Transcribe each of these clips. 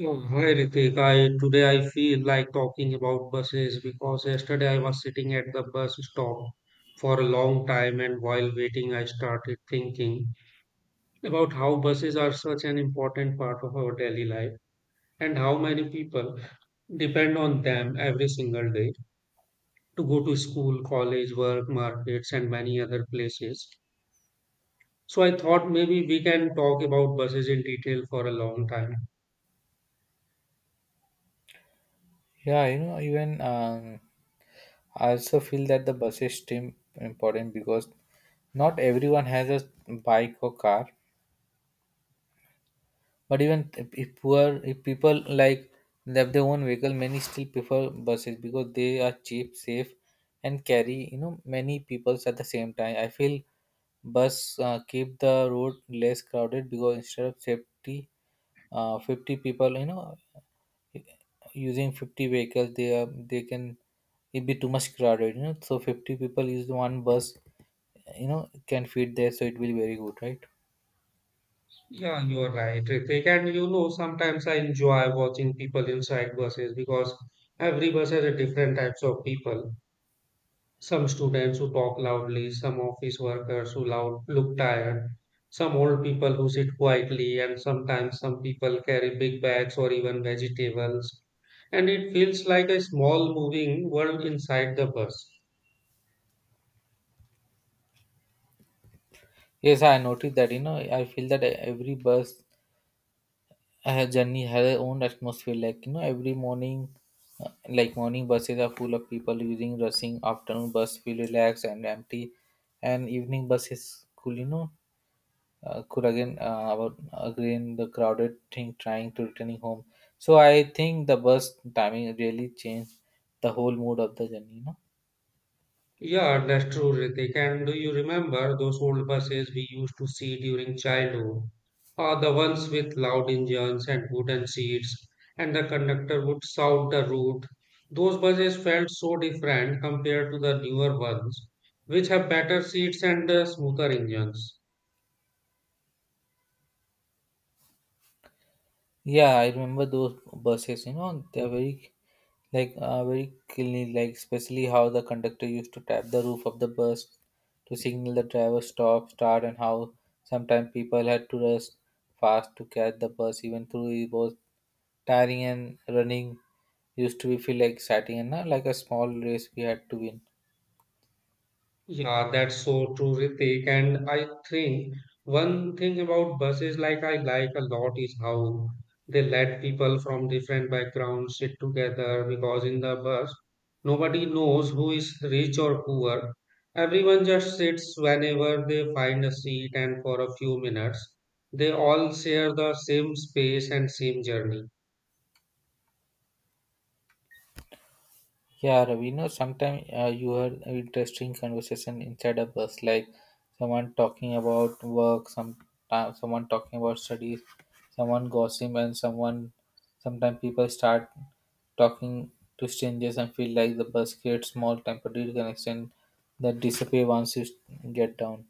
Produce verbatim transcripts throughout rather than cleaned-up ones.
Oh, hi Ritik. I Today I feel like talking about buses because yesterday I was sitting at the bus stop for a long time, and while waiting I started thinking about how buses are such an important part of our daily life and how many people depend on them every single day to go to school, college, work, markets and many other places. So I thought maybe we can talk about buses in detail for a long time. Yeah, you know, even um, I also feel that the buses seem important because not everyone has a bike or car. But even if if poor, if people like they have their own vehicle, many still prefer buses because they are cheap, safe, and carry you know many peoples at the same time. I feel bus uh, keep the road less crowded because instead of safety, uh, fifty people you know using fifty vehicles they are they can it be too much crowded, you know so fifty people use one bus you know can fit there, so it will be very good, right? Yeah, you are right, Ritik. And you know, sometimes I enjoy watching people inside buses because every bus has a different types of people. Some students who talk loudly, some office workers who loud, look tired, some old people who sit quietly, and sometimes some people carry big bags or even vegetables. And it feels like a small moving world inside the bus. Yes, I noticed that. you know I feel that every bus uh, journey has their own atmosphere, like you know every morning uh, like morning buses are full of people using rushing, afternoon bus feel relaxed and empty, and evening bus is cool, you know uh, could again uh, about again the crowded thing trying to returning home. So I think the bus timing really changed the whole mood of the journey you know Yeah, that's true, Ritik. And do you remember those old buses we used to see during childhood? Uh, the ones with loud engines and wooden seats, and the conductor would shout the route. Those buses felt so different compared to the newer ones, which have better seats and uh, smoother engines. Yeah, I remember those buses. You know they're very, like, uh, very cleanly, like especially how the conductor used to tap the roof of the bus to signal the driver stop start, and how sometimes people had to rush fast to catch the bus, even though it was tiring and running used to be feel like exciting and not like a small race we had to win. Yeah, that's so true, Ritik. And I think one thing about buses like I like a lot is how they let people from different backgrounds sit together because in the bus nobody knows who is rich or poor. Everyone just sits whenever they find a seat, and for a few minutes they all share the same space and same journey. Yeah, Ravi, you know, sometimes uh, you heard an interesting conversation inside a bus, like someone talking about work, some uh, someone talking about studies, someone gossip, and someone. Sometimes people start talking to strangers and feel like the bus creates small temporary connection that disappear once you get down.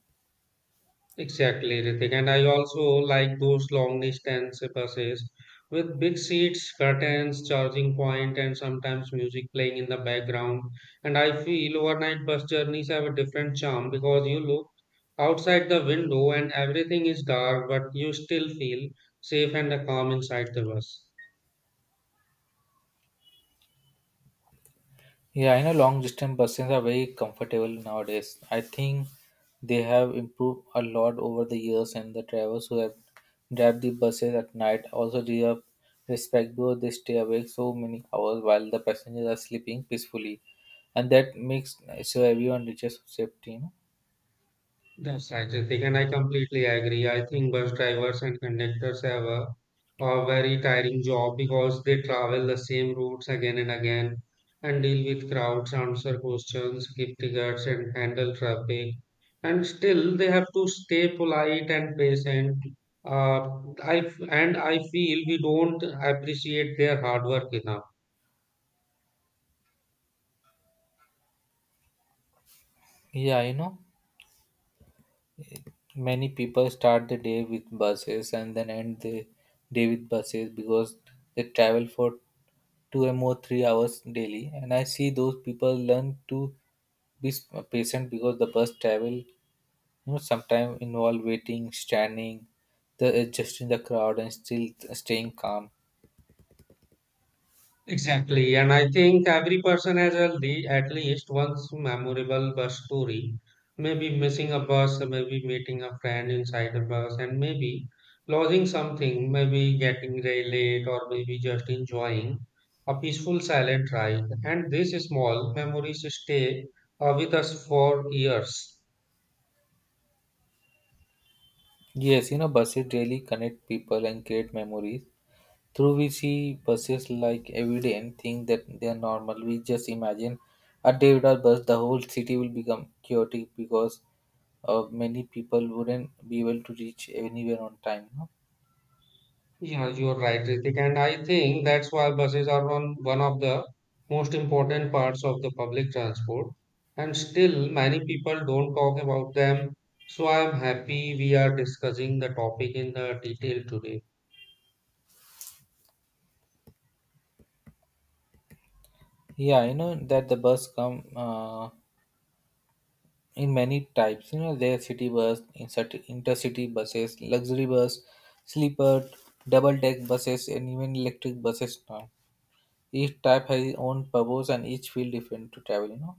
Exactly, Ritik. And I also like those long distance buses with big seats, curtains, charging point, and sometimes music playing in the background. And I feel overnight bus journeys have a different charm because you look outside the window and everything is dark, but you still feel safe and calm inside the bus. Yeah, I know long distance buses are very comfortable nowadays. I think they have improved a lot over the years, and the drivers who have drive the buses at night also deserve respect because they stay awake so many hours while the passengers are sleeping peacefully, and that makes so everyone reaches safety. You know? That's right, Ritik, and I completely agree. I think bus drivers and conductors have a, a very tiring job because they travel the same routes again and again and deal with crowds, answer questions, give tickets, and handle traffic. And still, they have to stay polite and patient. Uh, I f- and I feel we don't appreciate their hard work enough. Yeah, you know, many people start the day with buses and then end the day with buses because they travel for two or more three hours daily. And I see those people learn to be s- uh, patient because the bus travel, you know, sometimes involve waiting, standing, the adjusting the crowd, and still staying calm. Exactly. And I think every person has a le- at least one memorable bus story. Maybe missing a bus, maybe meeting a friend inside a bus, and maybe losing something, maybe getting ra- late, or maybe just enjoying a peaceful silent ride. And these small memories stay uh, with us for years. Yes, you know, buses really connect people and create memories. Through we see buses like every day and think that they are normal. We just imagine a day without bus, the whole city will become chaotic because uh, many people wouldn't be able to reach anywhere on time. Yeah, you're right, Ritik. And I think that's why buses are on one of the most important parts of the public transport. And still, many people don't talk about them. So I'm happy we are discussing the topic in the detail today. Yeah, you know that the bus come uh, in many types. You know, there are city bus, incert- intercity buses, luxury bus, sleeper, double-deck buses, and even electric buses now. Each type has its own purpose, and each feel different to travel. You know.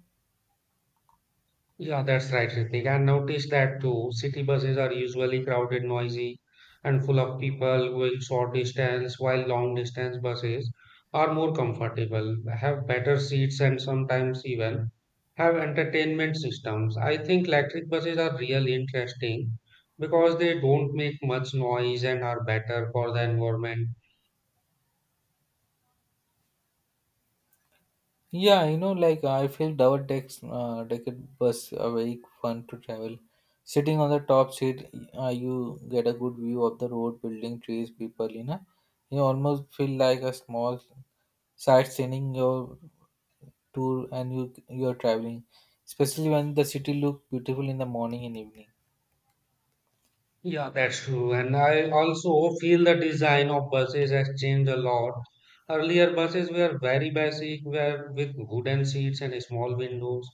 Yeah, that's right, Ritik. I noticed that too. City buses are usually crowded, noisy, and full of people going short distance, while long distance buses are more comfortable, have better seats, and sometimes even have entertainment systems. I think electric buses are really interesting because they don't make much noise and are better for the environment. Yeah, you know, like I feel double decks uh, decked bus are very fun to travel. Sitting on the top seat, uh, you get a good view of the road, building, trees, people. You know, you almost feel like a small sightseeing your tour, and you you're traveling, especially when the city look beautiful in the morning and evening. Yeah, that's true. And I also feel the design of buses has changed a lot. Earlier, buses were very basic, were with wooden seats and small windows.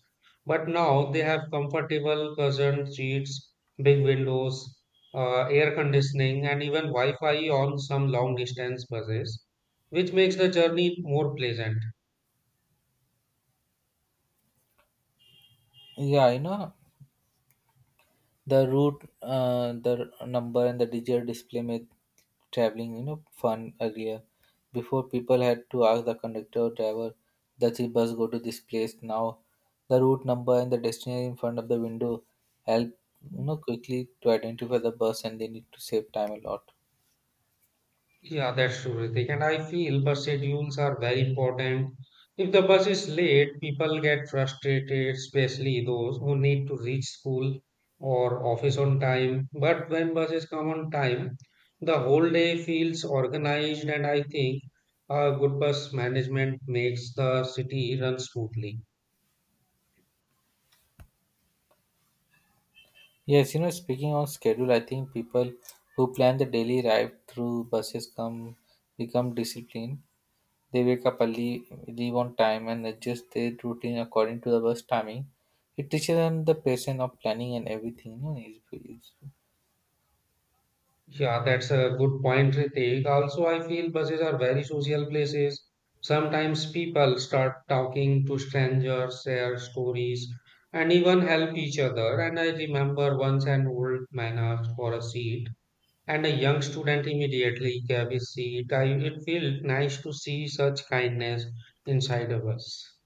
But now they have comfortable cushioned seats, big windows, uh, air conditioning, and even Wi-Fi on some long distance buses, which makes the journey more pleasant. Yeah, you know, the route, uh, the number, and the digital display made traveling, you know, fun earlier. Before, people had to ask the conductor or driver, does the bus go to this place? Now, the route number and the destination in front of the window help you know quickly to identify the bus, and they need to save time a lot. Yeah, that's true, Ritik. And I feel bus schedules are very important. If the bus is late, people get frustrated, especially those who need to reach school or office on time. But when buses come on time, the whole day feels organized, and I think uh, good bus management makes the city run smoothly. Yes, you know, speaking on schedule, I think people who plan the daily ride through buses come become disciplined. They wake up early, leave on time, and adjust their routine according to the bus timing. It teaches them the patience of planning and everything. You know, it's, it's, Yeah, that's a good point, Ritik. Also, I feel buses are very social places. Sometimes people start talking to strangers, share stories, and even help each other. And I remember once an old man asked for a seat, and a young student immediately gave his seat. I, it felt nice to see such kindness inside of us.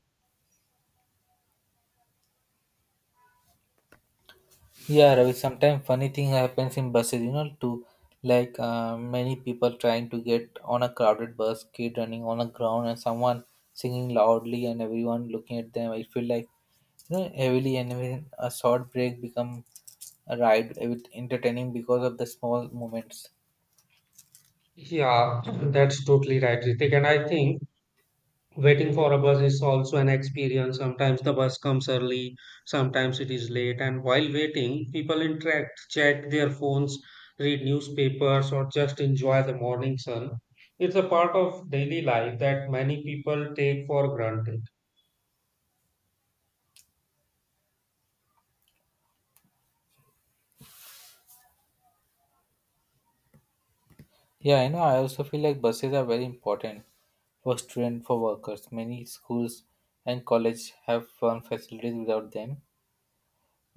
Yeah, Ravi. Sometimes funny thing happens in buses. You know, to like uh, many people trying to get on a crowded bus, kid running on the ground, and someone singing loudly, and everyone looking at them. I feel like, you know, heavily, and even a short break become a ride with entertaining because of the small moments. Yeah, that's totally right, Ritik. And I think waiting for a bus is also an experience. Sometimes the bus comes early, sometimes it is late, and while waiting, people interact, check their phones, read newspapers, or just enjoy the morning sun. It's a part of daily life that many people take for granted. Yeah, you know, I also feel like buses are very important for students, for workers. Many schools and colleges have fun facilities without them.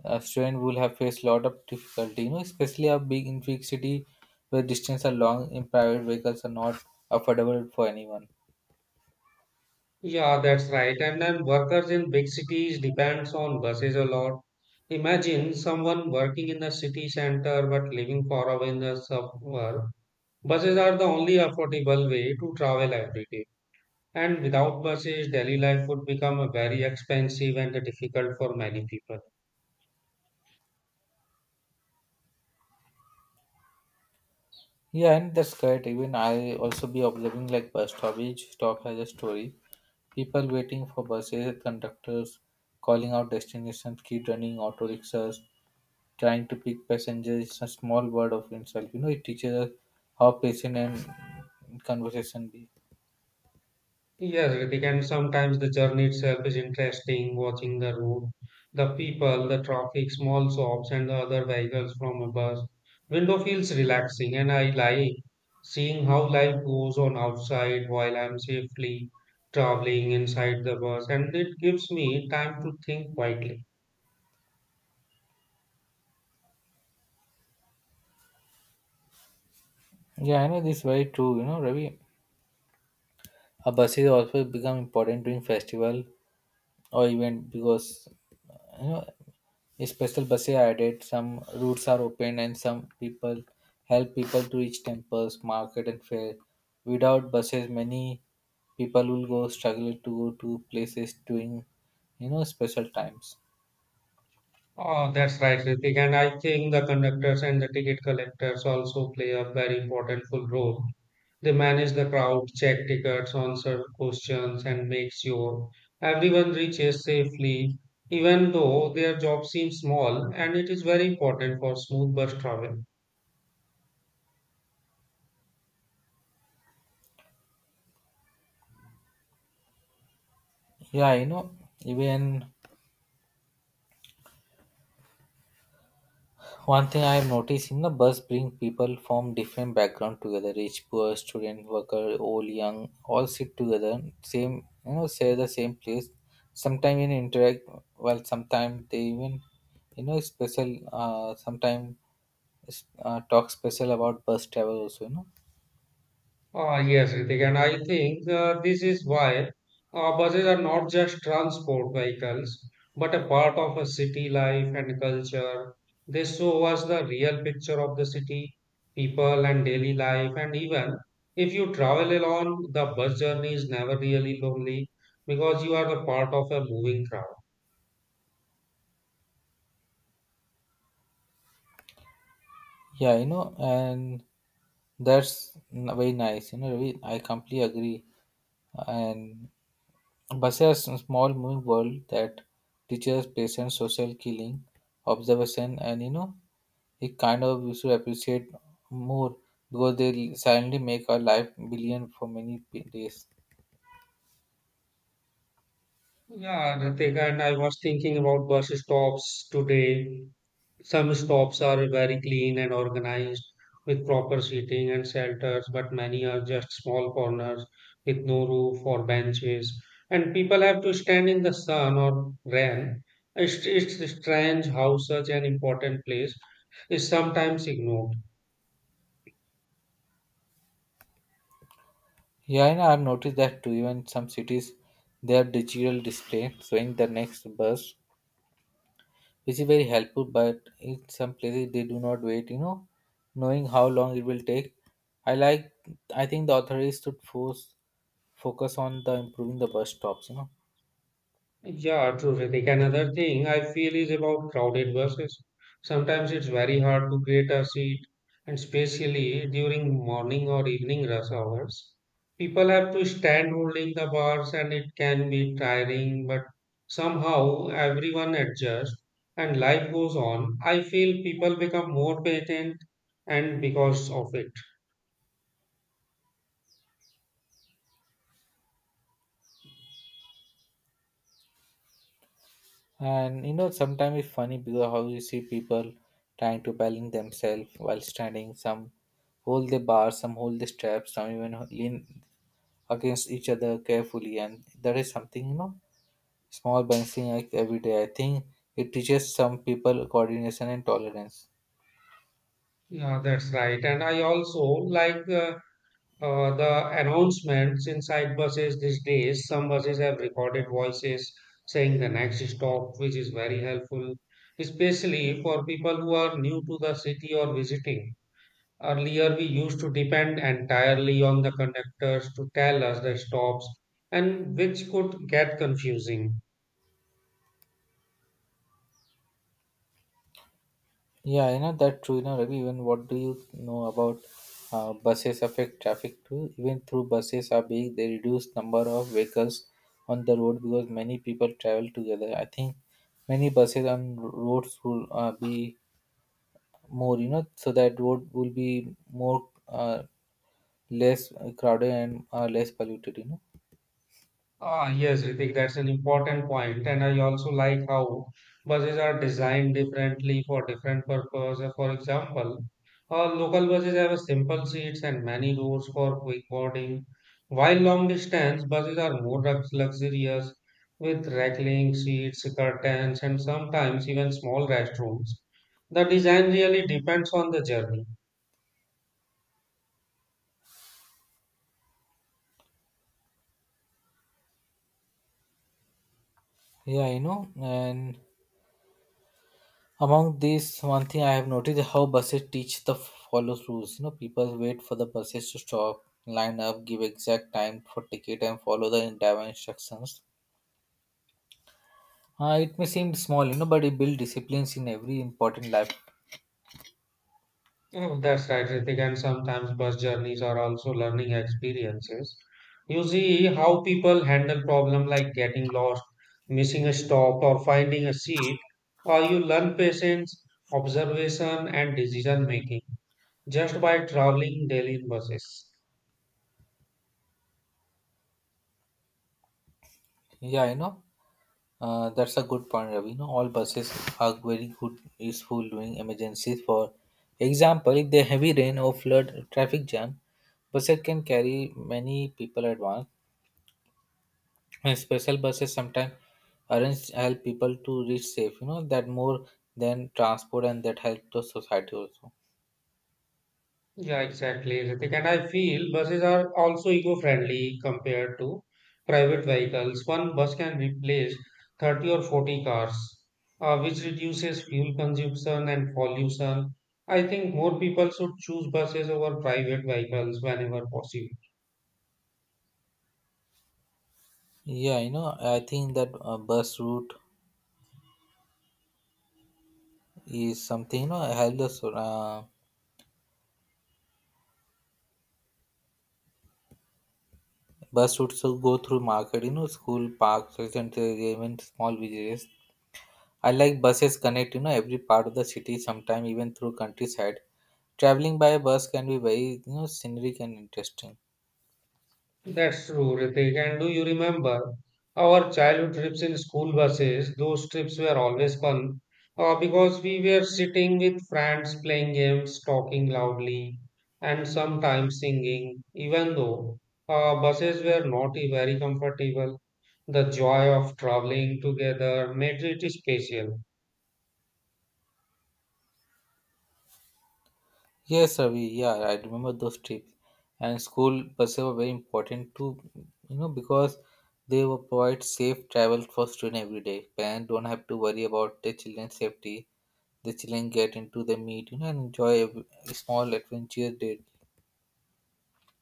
A student will have faced a lot of difficulty, you know, especially a big in big city where distance are long in private vehicles are not affordable for anyone. Yeah, that's right. And then workers in big cities depends on buses a lot. Imagine someone working in the city center but living far away in the suburb. Buses are the only affordable way to travel every day. And without buses, daily life would become very expensive and difficult for many people. Yeah, and that's correct. Even I also be observing like bus stop. Each stop has a story. People waiting for buses, conductors calling out destinations, keep running auto rickshaws, trying to pick passengers, is a small word of himself. You know, it teaches us how patient and conversation be. Yes, Ritik, and sometimes the journey itself is interesting, watching the route, the people, the traffic, small shops, and the other vehicles from a bus. Window feels relaxing, and I like seeing how life goes on outside while I'm safely traveling inside the bus, and it gives me time to think quietly. Yeah, I know this is very true. You know, Ravi, a buses also become important during festival or event because you know special buses are added. Some routes are open and some people help people to reach temples, market, and fair. Without buses, many people will go struggle to go to places during you know special times. Oh, that's right, Ritik. And I think the conductors and the ticket collectors also play a very important full role. They manage the crowd, check tickets, answer questions, and make sure everyone reaches safely, even though their job seems small, and it is very important for smooth bus travel. Yeah, you know even one thing I have noticed in the bus bring people from different background together: rich, poor, student, worker, old, young, all sit together, same, you know, share the same place. Sometimes even interact well, sometimes they even you know special uh sometimes uh, talk special about bus travel also, you know. Ah, yes, Ritik, and I think uh, this is why uh, buses are not just transport vehicles, but a part of a city life and culture. They show us the real picture of the city, people, and daily life. And even if you travel alone, the bus journey is never really lonely because you are the part of a moving crowd. Yeah, you know, and that's n- very nice. You know, Ravi, I completely agree. And buses are a small moving world that teaches patience, social killing, observation, and, you know, it kind of we should appreciate more because they silently make our life brilliant for many p- days. Yeah, Ritika. And I was thinking about bus stops today. Some stops are very clean and organized with proper seating and shelters, but many are just small corners with no roof or benches, and people have to stand in the sun or rain. It's, it's strange how such an important place is sometimes ignored. Yeah, and I've noticed that too. Even some cities, they have digital display showing the next bus, which is very helpful, but in some places they do not wait, you know knowing how long it will take. i like I think the authorities should force focus on the improving the bus stops you know Yeah, true, Ritik. Another thing I feel is about crowded buses. Sometimes it's very hard to get a seat, and especially during morning or evening rush hours. People have to stand holding the bars, and it can be tiring, but somehow everyone adjusts and life goes on. I feel people become more patient, and because of it. And you know sometimes it's funny because how you see people trying to balance themselves while standing. Some hold the bar, some hold the straps, some even lean against each other carefully, and that is something, you know small balancing act every day. I think it teaches some people coordination and tolerance. Yeah, that's right. And I also like uh, Uh, the announcements inside buses these days. Some buses have recorded voices saying the next stop, which is very helpful, especially for people who are new to the city or visiting. Earlier, we used to depend entirely on the conductors to tell us the stops, and which could get confusing. Yeah, you know that true. You know, Ravi, even what do you know about uh, buses affect traffic too? Even through buses are big, they reduce number of vehicles on the road because many people travel together. I think many buses on roads will uh, be more, you know, so that road will be more, uh, less crowded, and uh, less polluted. You know. Ah, yes, Ritik, that's an important point. And I also like how buses are designed differently for different purpose. Uh, For example, uh, local buses have a simple seats and many doors for quick boarding, while long distance buses are more lux- luxurious with reclining seats, curtains, and sometimes even small restrooms. The design really depends on the journey. Yeah, you know, and among these, one thing I have noticed is how buses teach the follow rules. You know, people wait for the buses to stop, line up, give exact time for ticket, and follow the entire instructions. Uh, it may seem small, you know, but it builds disciplines in every important life. Mm, that's right, Ritik. And sometimes bus journeys are also learning experiences. You see how people handle problems like getting lost, missing a stop, or finding a seat, or you learn patience, observation, and decision making just by traveling daily in buses. Yeah, you know, uh, that's a good point, Ravi. You know, all buses are very good, useful during emergencies. For example, if there heavy rain or flood, traffic jam, buses can carry many people at once, and special buses sometimes arrange help people to reach safe, you know that more than transport, and that help the society also. Yeah, exactly, Ritik. And I feel buses are also eco-friendly compared to private vehicles. One bus can replace thirty or forty cars, uh, which reduces fuel consumption and pollution. I think more people should choose buses over private vehicles whenever possible. Yeah, you know I think that uh, bus route is something, you know help the so- uh, bus routes to go through market, you know school, parks, and even small villages. I like buses connect, you know every part of the city. Sometimes even through countryside, traveling by bus can be very, you know scenic and interesting. That's true, Ritik. And do you remember our childhood trips in school buses? Those trips were always fun uh, because we were sitting with friends, playing games, talking loudly, and sometimes singing. Even though uh, buses were not e, very comfortable, the joy of traveling together made it special. Yes, Avi. Yeah, I remember those trips. And school buses were very important too, you know, because they will provide safe travel for students every day. Parents don't have to worry about their children's safety. The children get into the meet, you know, and enjoy every- a small adventure day.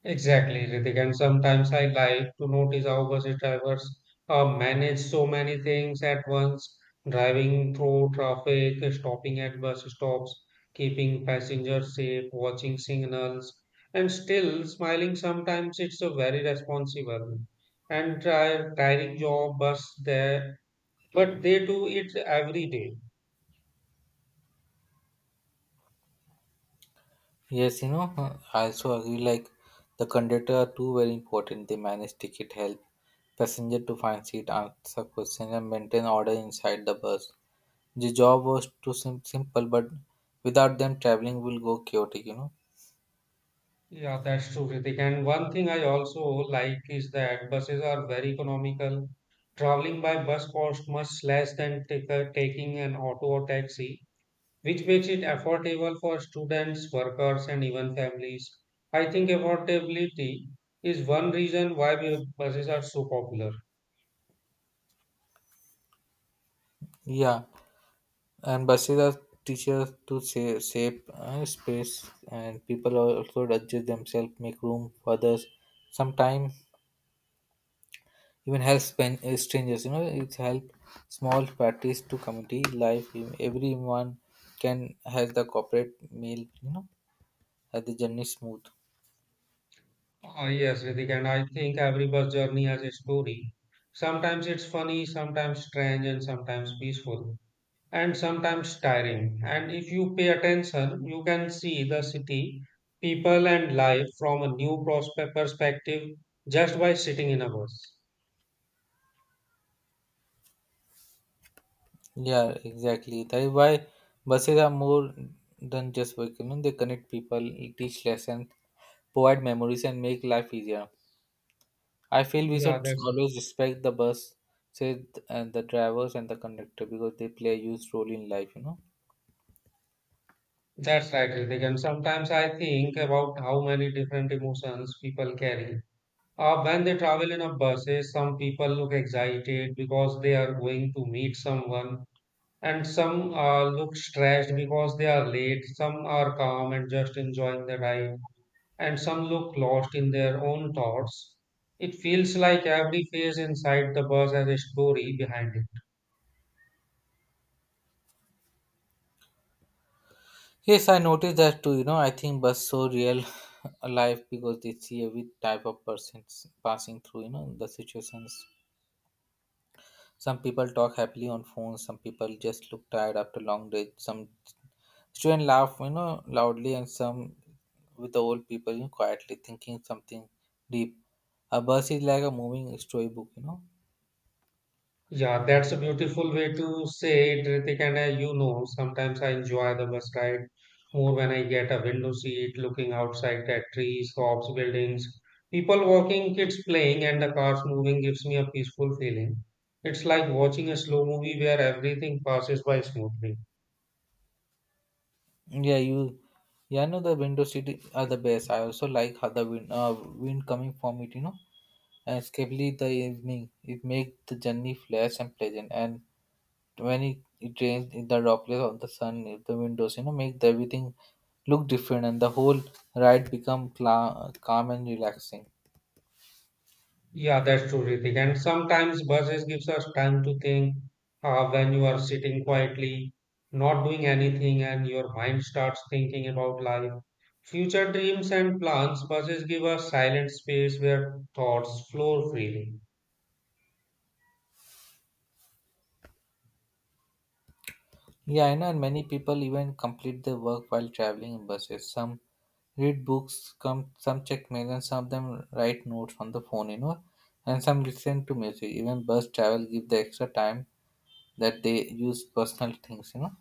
Exactly, Ritik. And sometimes I like to notice how bus drivers uh, manage so many things at once, driving through traffic, stopping at bus stops, keeping passengers safe, watching signals, and still smiling. Sometimes it's a very responsible and try tiring job bus there, but they do it every day. Yes, you know, uh, I also agree. Like the conductor are too very important. They manage ticket help passenger to find seat, answer questions, and maintain order inside the bus. The job was too sim- simple, but without them, traveling will go chaotic, you know. Yeah, that's true, Ritik. And one thing I also like is that buses are very economical. Traveling by bus costs much less than take, uh, taking an auto or taxi, which makes it affordable for students, workers, and even families. I think affordability is one reason why bu- buses are so popular. Yeah, and buses are teachers to save, save uh, space, and people are also adjust themselves, make room for others. Sometimes even help span- uh, strangers, you know, it's help small parties to community life. Everyone can have the corporate meal, you know, have the journey smooth. Ah yes, Ritik, and I think every bus journey has a story. Sometimes it's funny, sometimes strange, and sometimes peaceful, and sometimes tiring. And if you pay attention, you can see the city, people, and life from a new prospe- perspective just by sitting in a bus. Yeah, exactly. That is why buses are more than just vehicle, no? They connect people, teach lessons, provide memories, and make life easier. I feel we Yeah, should that's always respect the bus, say, and the drivers and the conductor because they play a huge role in life, You know. that's right, Ritik. And sometimes I think about how many different emotions people carry. Uh, when they travel in a buses, some people look excited because they are going to meet someone, and some uh, look stressed because they are late. Some are calm and just enjoying the ride, and some look lost in their own thoughts. It feels like every face inside the bus has a story behind it. Yes, I noticed that too. You know, I think bus so real life because they see every type of persons passing through. You know, the situations. Some people talk happily on phones. Some people just look tired after long day. Some students laugh, you know, loudly, and some with the old people, you know, quietly thinking something deep. A bus is like a moving storybook, you know. Yeah, that's a beautiful way to say it, Ritik. And I, you know, sometimes I enjoy the bus ride more when I get a window seat looking outside at trees, shops, buildings, people walking, kids playing, and the cars moving gives me a peaceful feeling. It's like watching a slow movie where everything passes by smoothly. Yeah, you, yeah, I know the window seat are the best. I also like how the wind, uh, wind coming from it, you know, and especially the evening. It makes the journey flash and pleasant. And when it, it rains, in the droplets of the sun, in the windows, you know, make the everything look different, and the whole ride become cla- calm and relaxing. Yeah, that's true, Ritik. And sometimes buses gives us time to think uh, when you are sitting quietly, not doing anything, and your mind starts thinking about life, future dreams, and plans. Buses give us silent space where thoughts flow freely. Yeah, I know, and many people even complete their work while traveling in buses. Some read books, come some check mail, and some of them write notes on the phone, you know, and some listen to music. Even bus travel give the extra time that they use personal things, you know.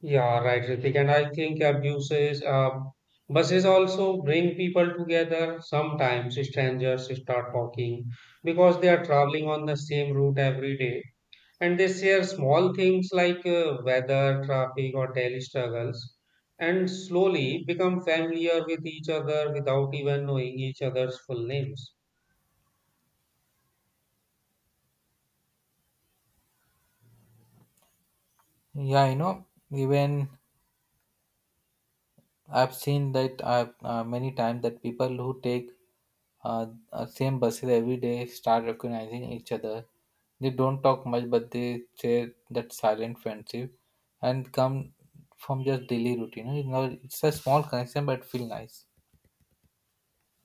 Yeah, right, Ritik. And I think abuses, uh, buses also bring people together. Sometimes strangers start talking because they are traveling on the same route every day, and they share small things like uh, weather, traffic, or daily struggles, and slowly become familiar with each other without even knowing each other's full names. Yeah, you know, even I've seen that I've, uh, many times that people who take uh, uh, same buses every day start recognizing each other. They don't talk much, but they share that silent friendship and come from just daily routine. You know, it's a small connection, but feel nice.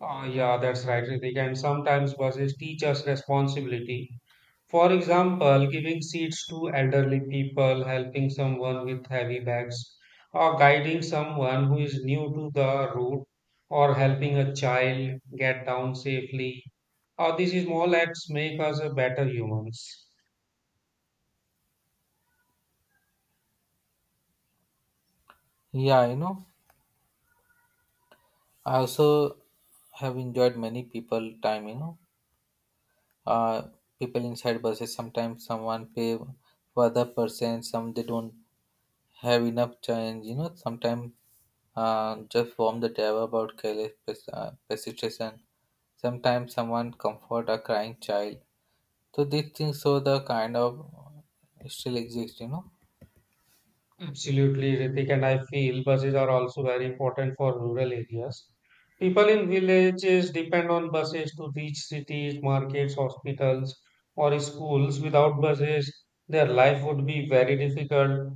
Ah, yeah, that's right, Ritik. And sometimes buses teach us responsibility. For example, giving seats to elderly people, helping someone with heavy bags, or guiding someone who is new to the route, or helping a child get down safely. Uh, these small acts make us a better humans. Yeah, you know, I also have enjoyed many people time. You know, uh, people inside buses sometimes someone pay for other person, some they don't have enough change. You know, sometimes uh, just warm the table about careless pes- uh, precipitation. Sometimes someone comfort a crying child. So these things show the kind of uh, still exist. You know. Absolutely, Ritik, and I feel buses are also very important for rural areas. People in villages depend on buses to reach cities, markets, hospitals, or schools. Without buses, their life would be very difficult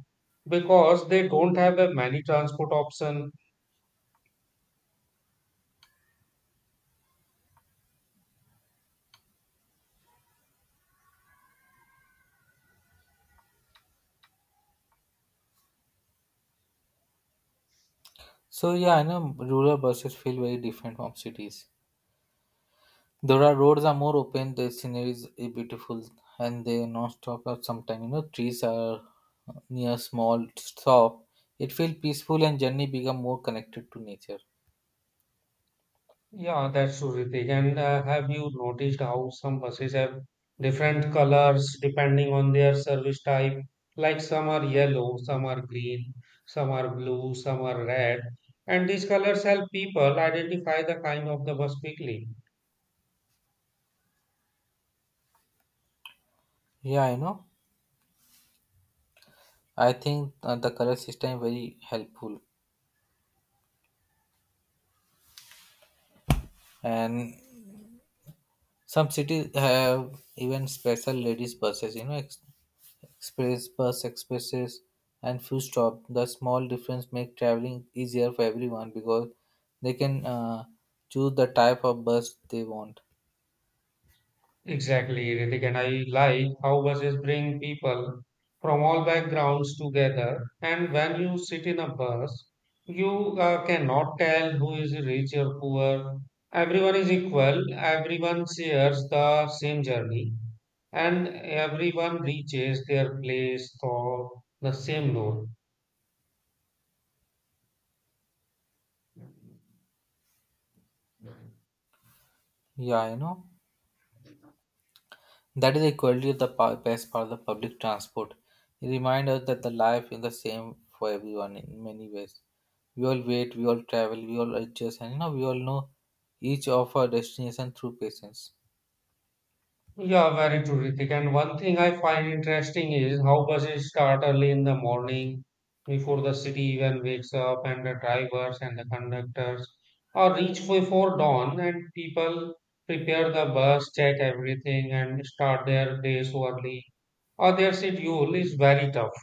because they don't have a many transport option. So yeah, I know rural buses feel very different from cities. There are roads are more open. The scenery is beautiful, and they non-stop are sometimes. You know, trees are uh, near small shop. It feels peaceful and journey become more connected to nature. Yeah, that's true, Ritik. And uh, have you noticed how some buses have different colors depending on their service type? Like some are yellow, some are green, some are blue, some are red. And these colors help people identify the kind of the bus quickly. Yeah, I know. I think uh, the color system very helpful, and some cities have even special ladies buses. You know, ex- express bus expresses and few stop. The small difference make traveling easier for everyone because they can uh, choose the type of bus they want. Exactly, Ritik, and I like how buses bring people from all backgrounds together. And when you sit in a bus, you uh, cannot tell who is rich or poor. Everyone is equal, everyone shares the same journey, and everyone reaches their place through the same road. Yeah, you know. That is equally the pa- best part of the public transport. It reminds us that the life is the same for everyone in many ways. We all wait, we all travel, we all adjust, and you know, we all know each of our destination through patience. Yeah, very terrific. And one thing I find interesting is how buses start early in the morning before the city even wakes up, and the drivers and the conductors are reach before dawn, and people prepare the bus, check everything, and start their days early. Or their schedule is very tough.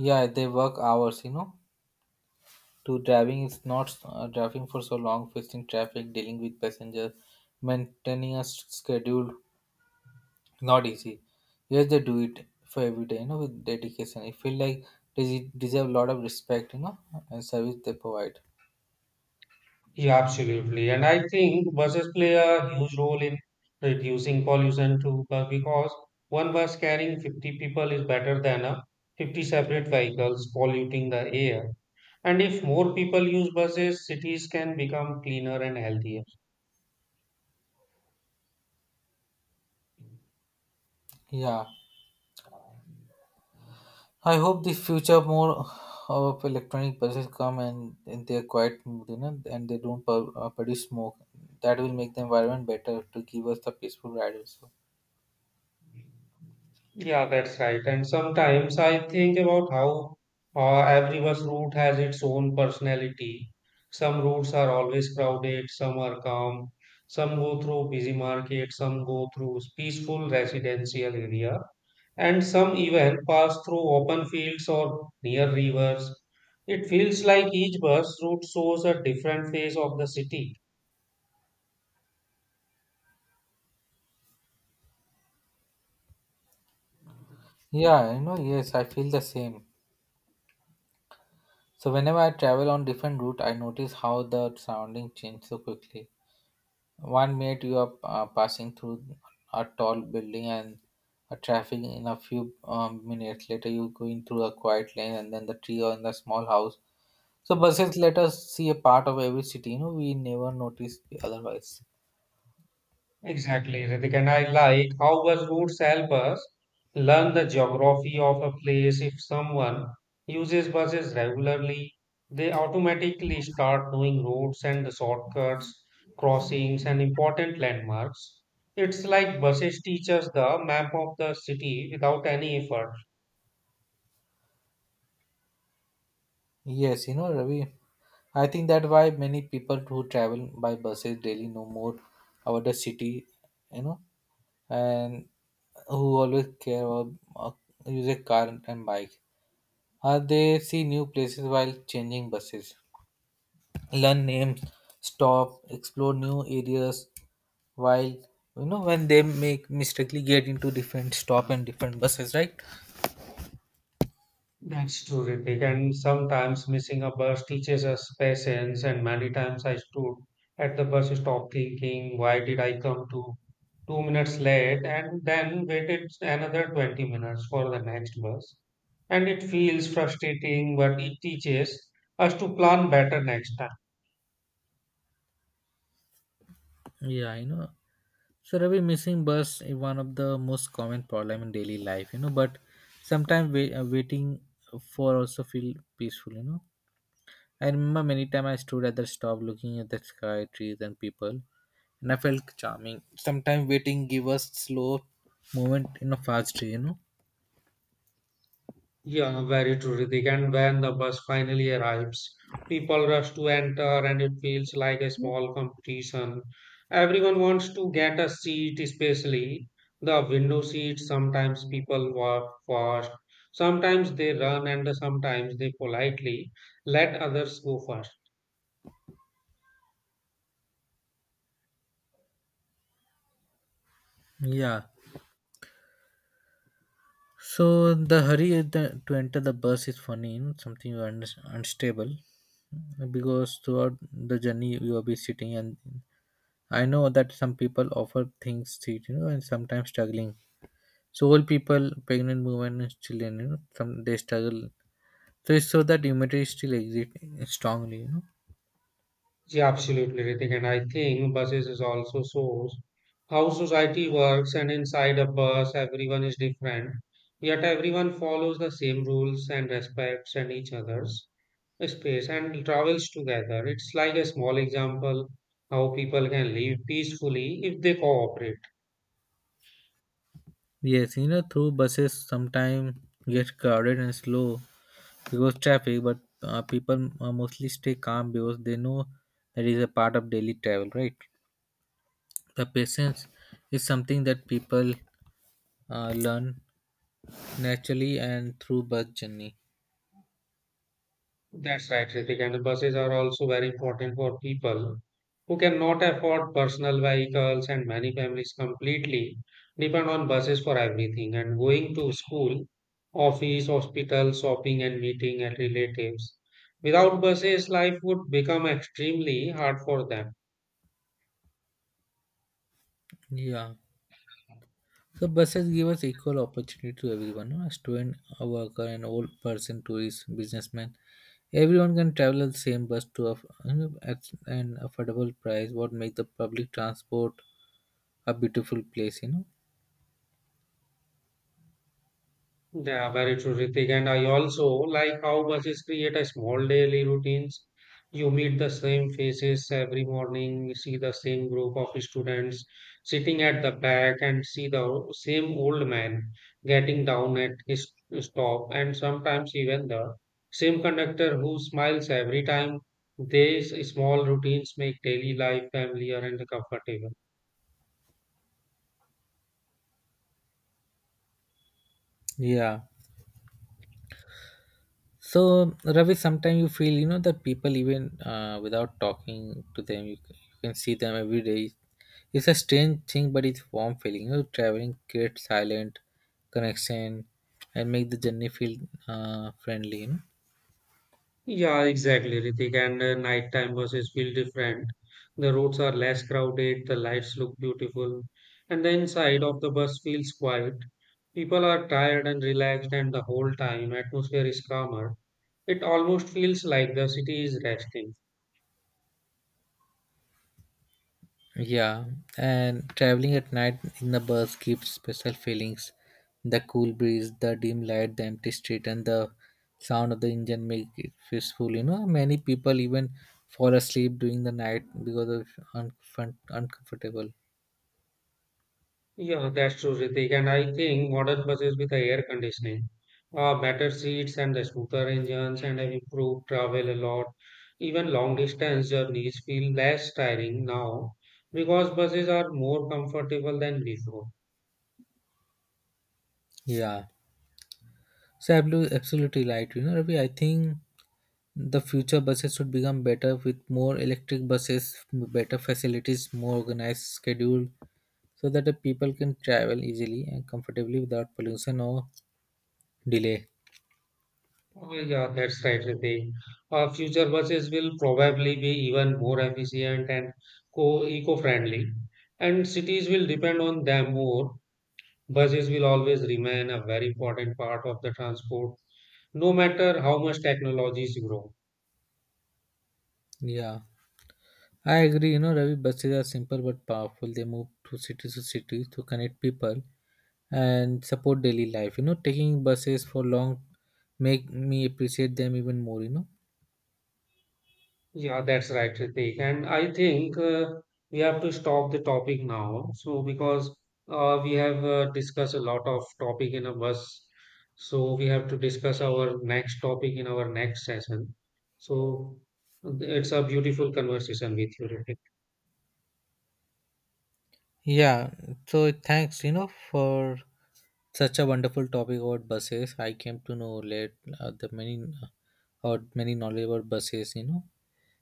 Yeah, they work hours, you know. To driving is not uh, driving for so long, facing traffic, dealing with passengers, maintaining a s- schedule, not easy. Yes, they do it for every day, you know, with dedication. I feel like they de- deserve a lot of respect, you know, and service they provide. Yeah, absolutely. And I think buses play a huge role in reducing pollution too, but because one bus carrying fifty people is better than a fifty separate vehicles polluting the air. And if more people use buses, cities can become cleaner and healthier. Yeah, I hope the future more of electronic buses come and, and they're quite smooth, you know, and they don't pub, uh, produce smoke. That will make the environment better to give us the peaceful ride also. Yeah, that's right. And sometimes I think about how uh, every bus route has its own personality. Some routes are always crowded, some are calm, some go through busy markets, some go through peaceful residential area, and some even pass through open fields or near rivers. It feels like each bus route shows a different phase of the city. Yeah, you know, yes, I feel the same. So whenever I travel on different route, I notice how the surrounding change so quickly. One minute you are uh, passing through a tall building and a traffic in a few um, minutes later you going through a quiet lane and then the tree or in the small house. So buses let us see a part of every city. You know, we never notice otherwise. Exactly, Ritik. And I like how bus routes help us learn the geography of a place. If someone uses buses regularly, they automatically start knowing routes and the shortcuts, crossings, and important landmarks. It's like buses teach us the map of the city without any effort. Yes, you know, Ravi. I think that why many people who travel by buses daily know more about the city. You know, and who always care about uh, use a car and bike. Uh, they see new places while changing buses, learn names, stop, explore new areas while you know when they make mistakenly get into different stop and different buses, right? That's terrific. And sometimes missing a bus teaches us patience. And many times I stood at the bus stop thinking, why did I come to two minutes late? And then waited another twenty minutes for the next bus. And it feels frustrating, but it teaches us to plan better next time. Yeah, you know, so Ravi, missing bus is one of the most common problem in daily life, you know. But sometimes wait, uh, waiting for also feel peaceful, you know. I remember many time I stood at the stop looking at the sky, trees, and people, and I felt charming. Sometimes waiting give us slow movement in a fast way, you know. Yeah, very true, Ritik. And when the bus finally arrives, people rush to enter and it feels like a small competition. Everyone wants to get a seat, especially the window seats. Sometimes people walk fast, sometimes they run, and sometimes they politely let others go first. Yeah. So the hurry at the, to enter the bus is funny, you know, something un- unstable, because throughout the journey you will be sitting and I know that some people offer things cheap, you know, and sometimes struggling. So old people, pregnant women, and children, you know, some they struggle. So it's so that humanity still exists strongly, you know. Yeah, absolutely, Ritik. And I think buses is also shows how society works, and inside a bus, everyone is different. Yet everyone follows the same rules and respects and each other's space and travels together. It's like a small example how people can live peacefully if they cooperate. Yes, you know, through buses sometimes get crowded and slow because traffic, but uh, people uh, mostly stay calm because they know that is a part of daily travel, right? The patience is something that people uh, learn naturally and through bus journey. That's right, Ritik. And the buses are also very important for people who cannot afford personal vehicles, and many families completely depend on buses for everything and going to school, office, hospital, shopping, and meeting at relatives. Without buses, life would become extremely hard for them. Yeah. So buses give us equal opportunity to everyone, no? A student, a worker, an old person, tourist, businessman. Everyone can travel the same bus to a, you know, at an affordable price. What makes the public transport a beautiful place, you know? Yeah, very true, Ritik. And I also like how buses create a small daily routines. You meet the same faces every morning, you see the same group of students sitting at the back and see the o- same old man getting down at his stop and sometimes even the same conductor who smiles every time. These small routines make daily life familiar and comfortable. Yeah. So, Ravi, sometimes you feel, you know, that people even uh, without talking to them, you, c- you can see them every day. It's a strange thing, but it's warm feeling. You know, traveling creates silent connection and make the journey feel uh, friendly. You know? Yeah, exactly, Ritik. And uh, nighttime buses feel different. The roads are less crowded, the lights look beautiful, and the inside of the bus feels quiet. People are tired and relaxed, and the whole time atmosphere is calmer. It almost feels like the city is resting. Yeah, and traveling at night in the bus gives special feelings. The cool breeze, the dim light, the empty street, and the sound of the engine make it peaceful. You know, many people even fall asleep during the night because of un- uncomfortable. Yeah, that's true, Ritik. And I think modern buses with the air conditioning, uh, better seats and the smoother engines and have improved travel a lot. Even long distance journeys feel less tiring now because buses are more comfortable than before. Yeah, so ablu- absolutely right. You know, Ravi, I think the future buses should become better with more electric buses, better facilities, more organized schedule, so that the people can travel easily and comfortably without pollution or delay. Oh, yeah, that's right, Ritik. Uh, future buses will probably be even more efficient and co eco-friendly, and cities will depend on them more. Buses will always remain a very important part of the transport no matter how much technologies grow. Yeah, I agree. You know, Ravi, buses are simple but powerful. They move to city to city to connect people and support daily life. You know, taking buses for long make me appreciate them even more, you know. Yeah, that's right, Ritik. And I think uh, we have to stop the topic now. So because uh, we have uh, discussed a lot of topic in a bus, so we have to discuss our next topic in our next session. So it's a beautiful conversation with you, Ritik. Yeah, so thanks, you know, for such a wonderful topic about buses. I came to know late uh, the many or many knowledge about buses, you know.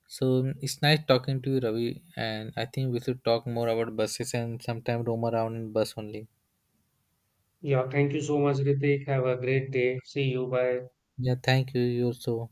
So um, it's nice talking to you, Ravi, and I think we should talk more about buses and sometime roam around in bus only. Yeah, thank you so much, Ritik. Have a great day. See you. Bye. Yeah, thank you. You also.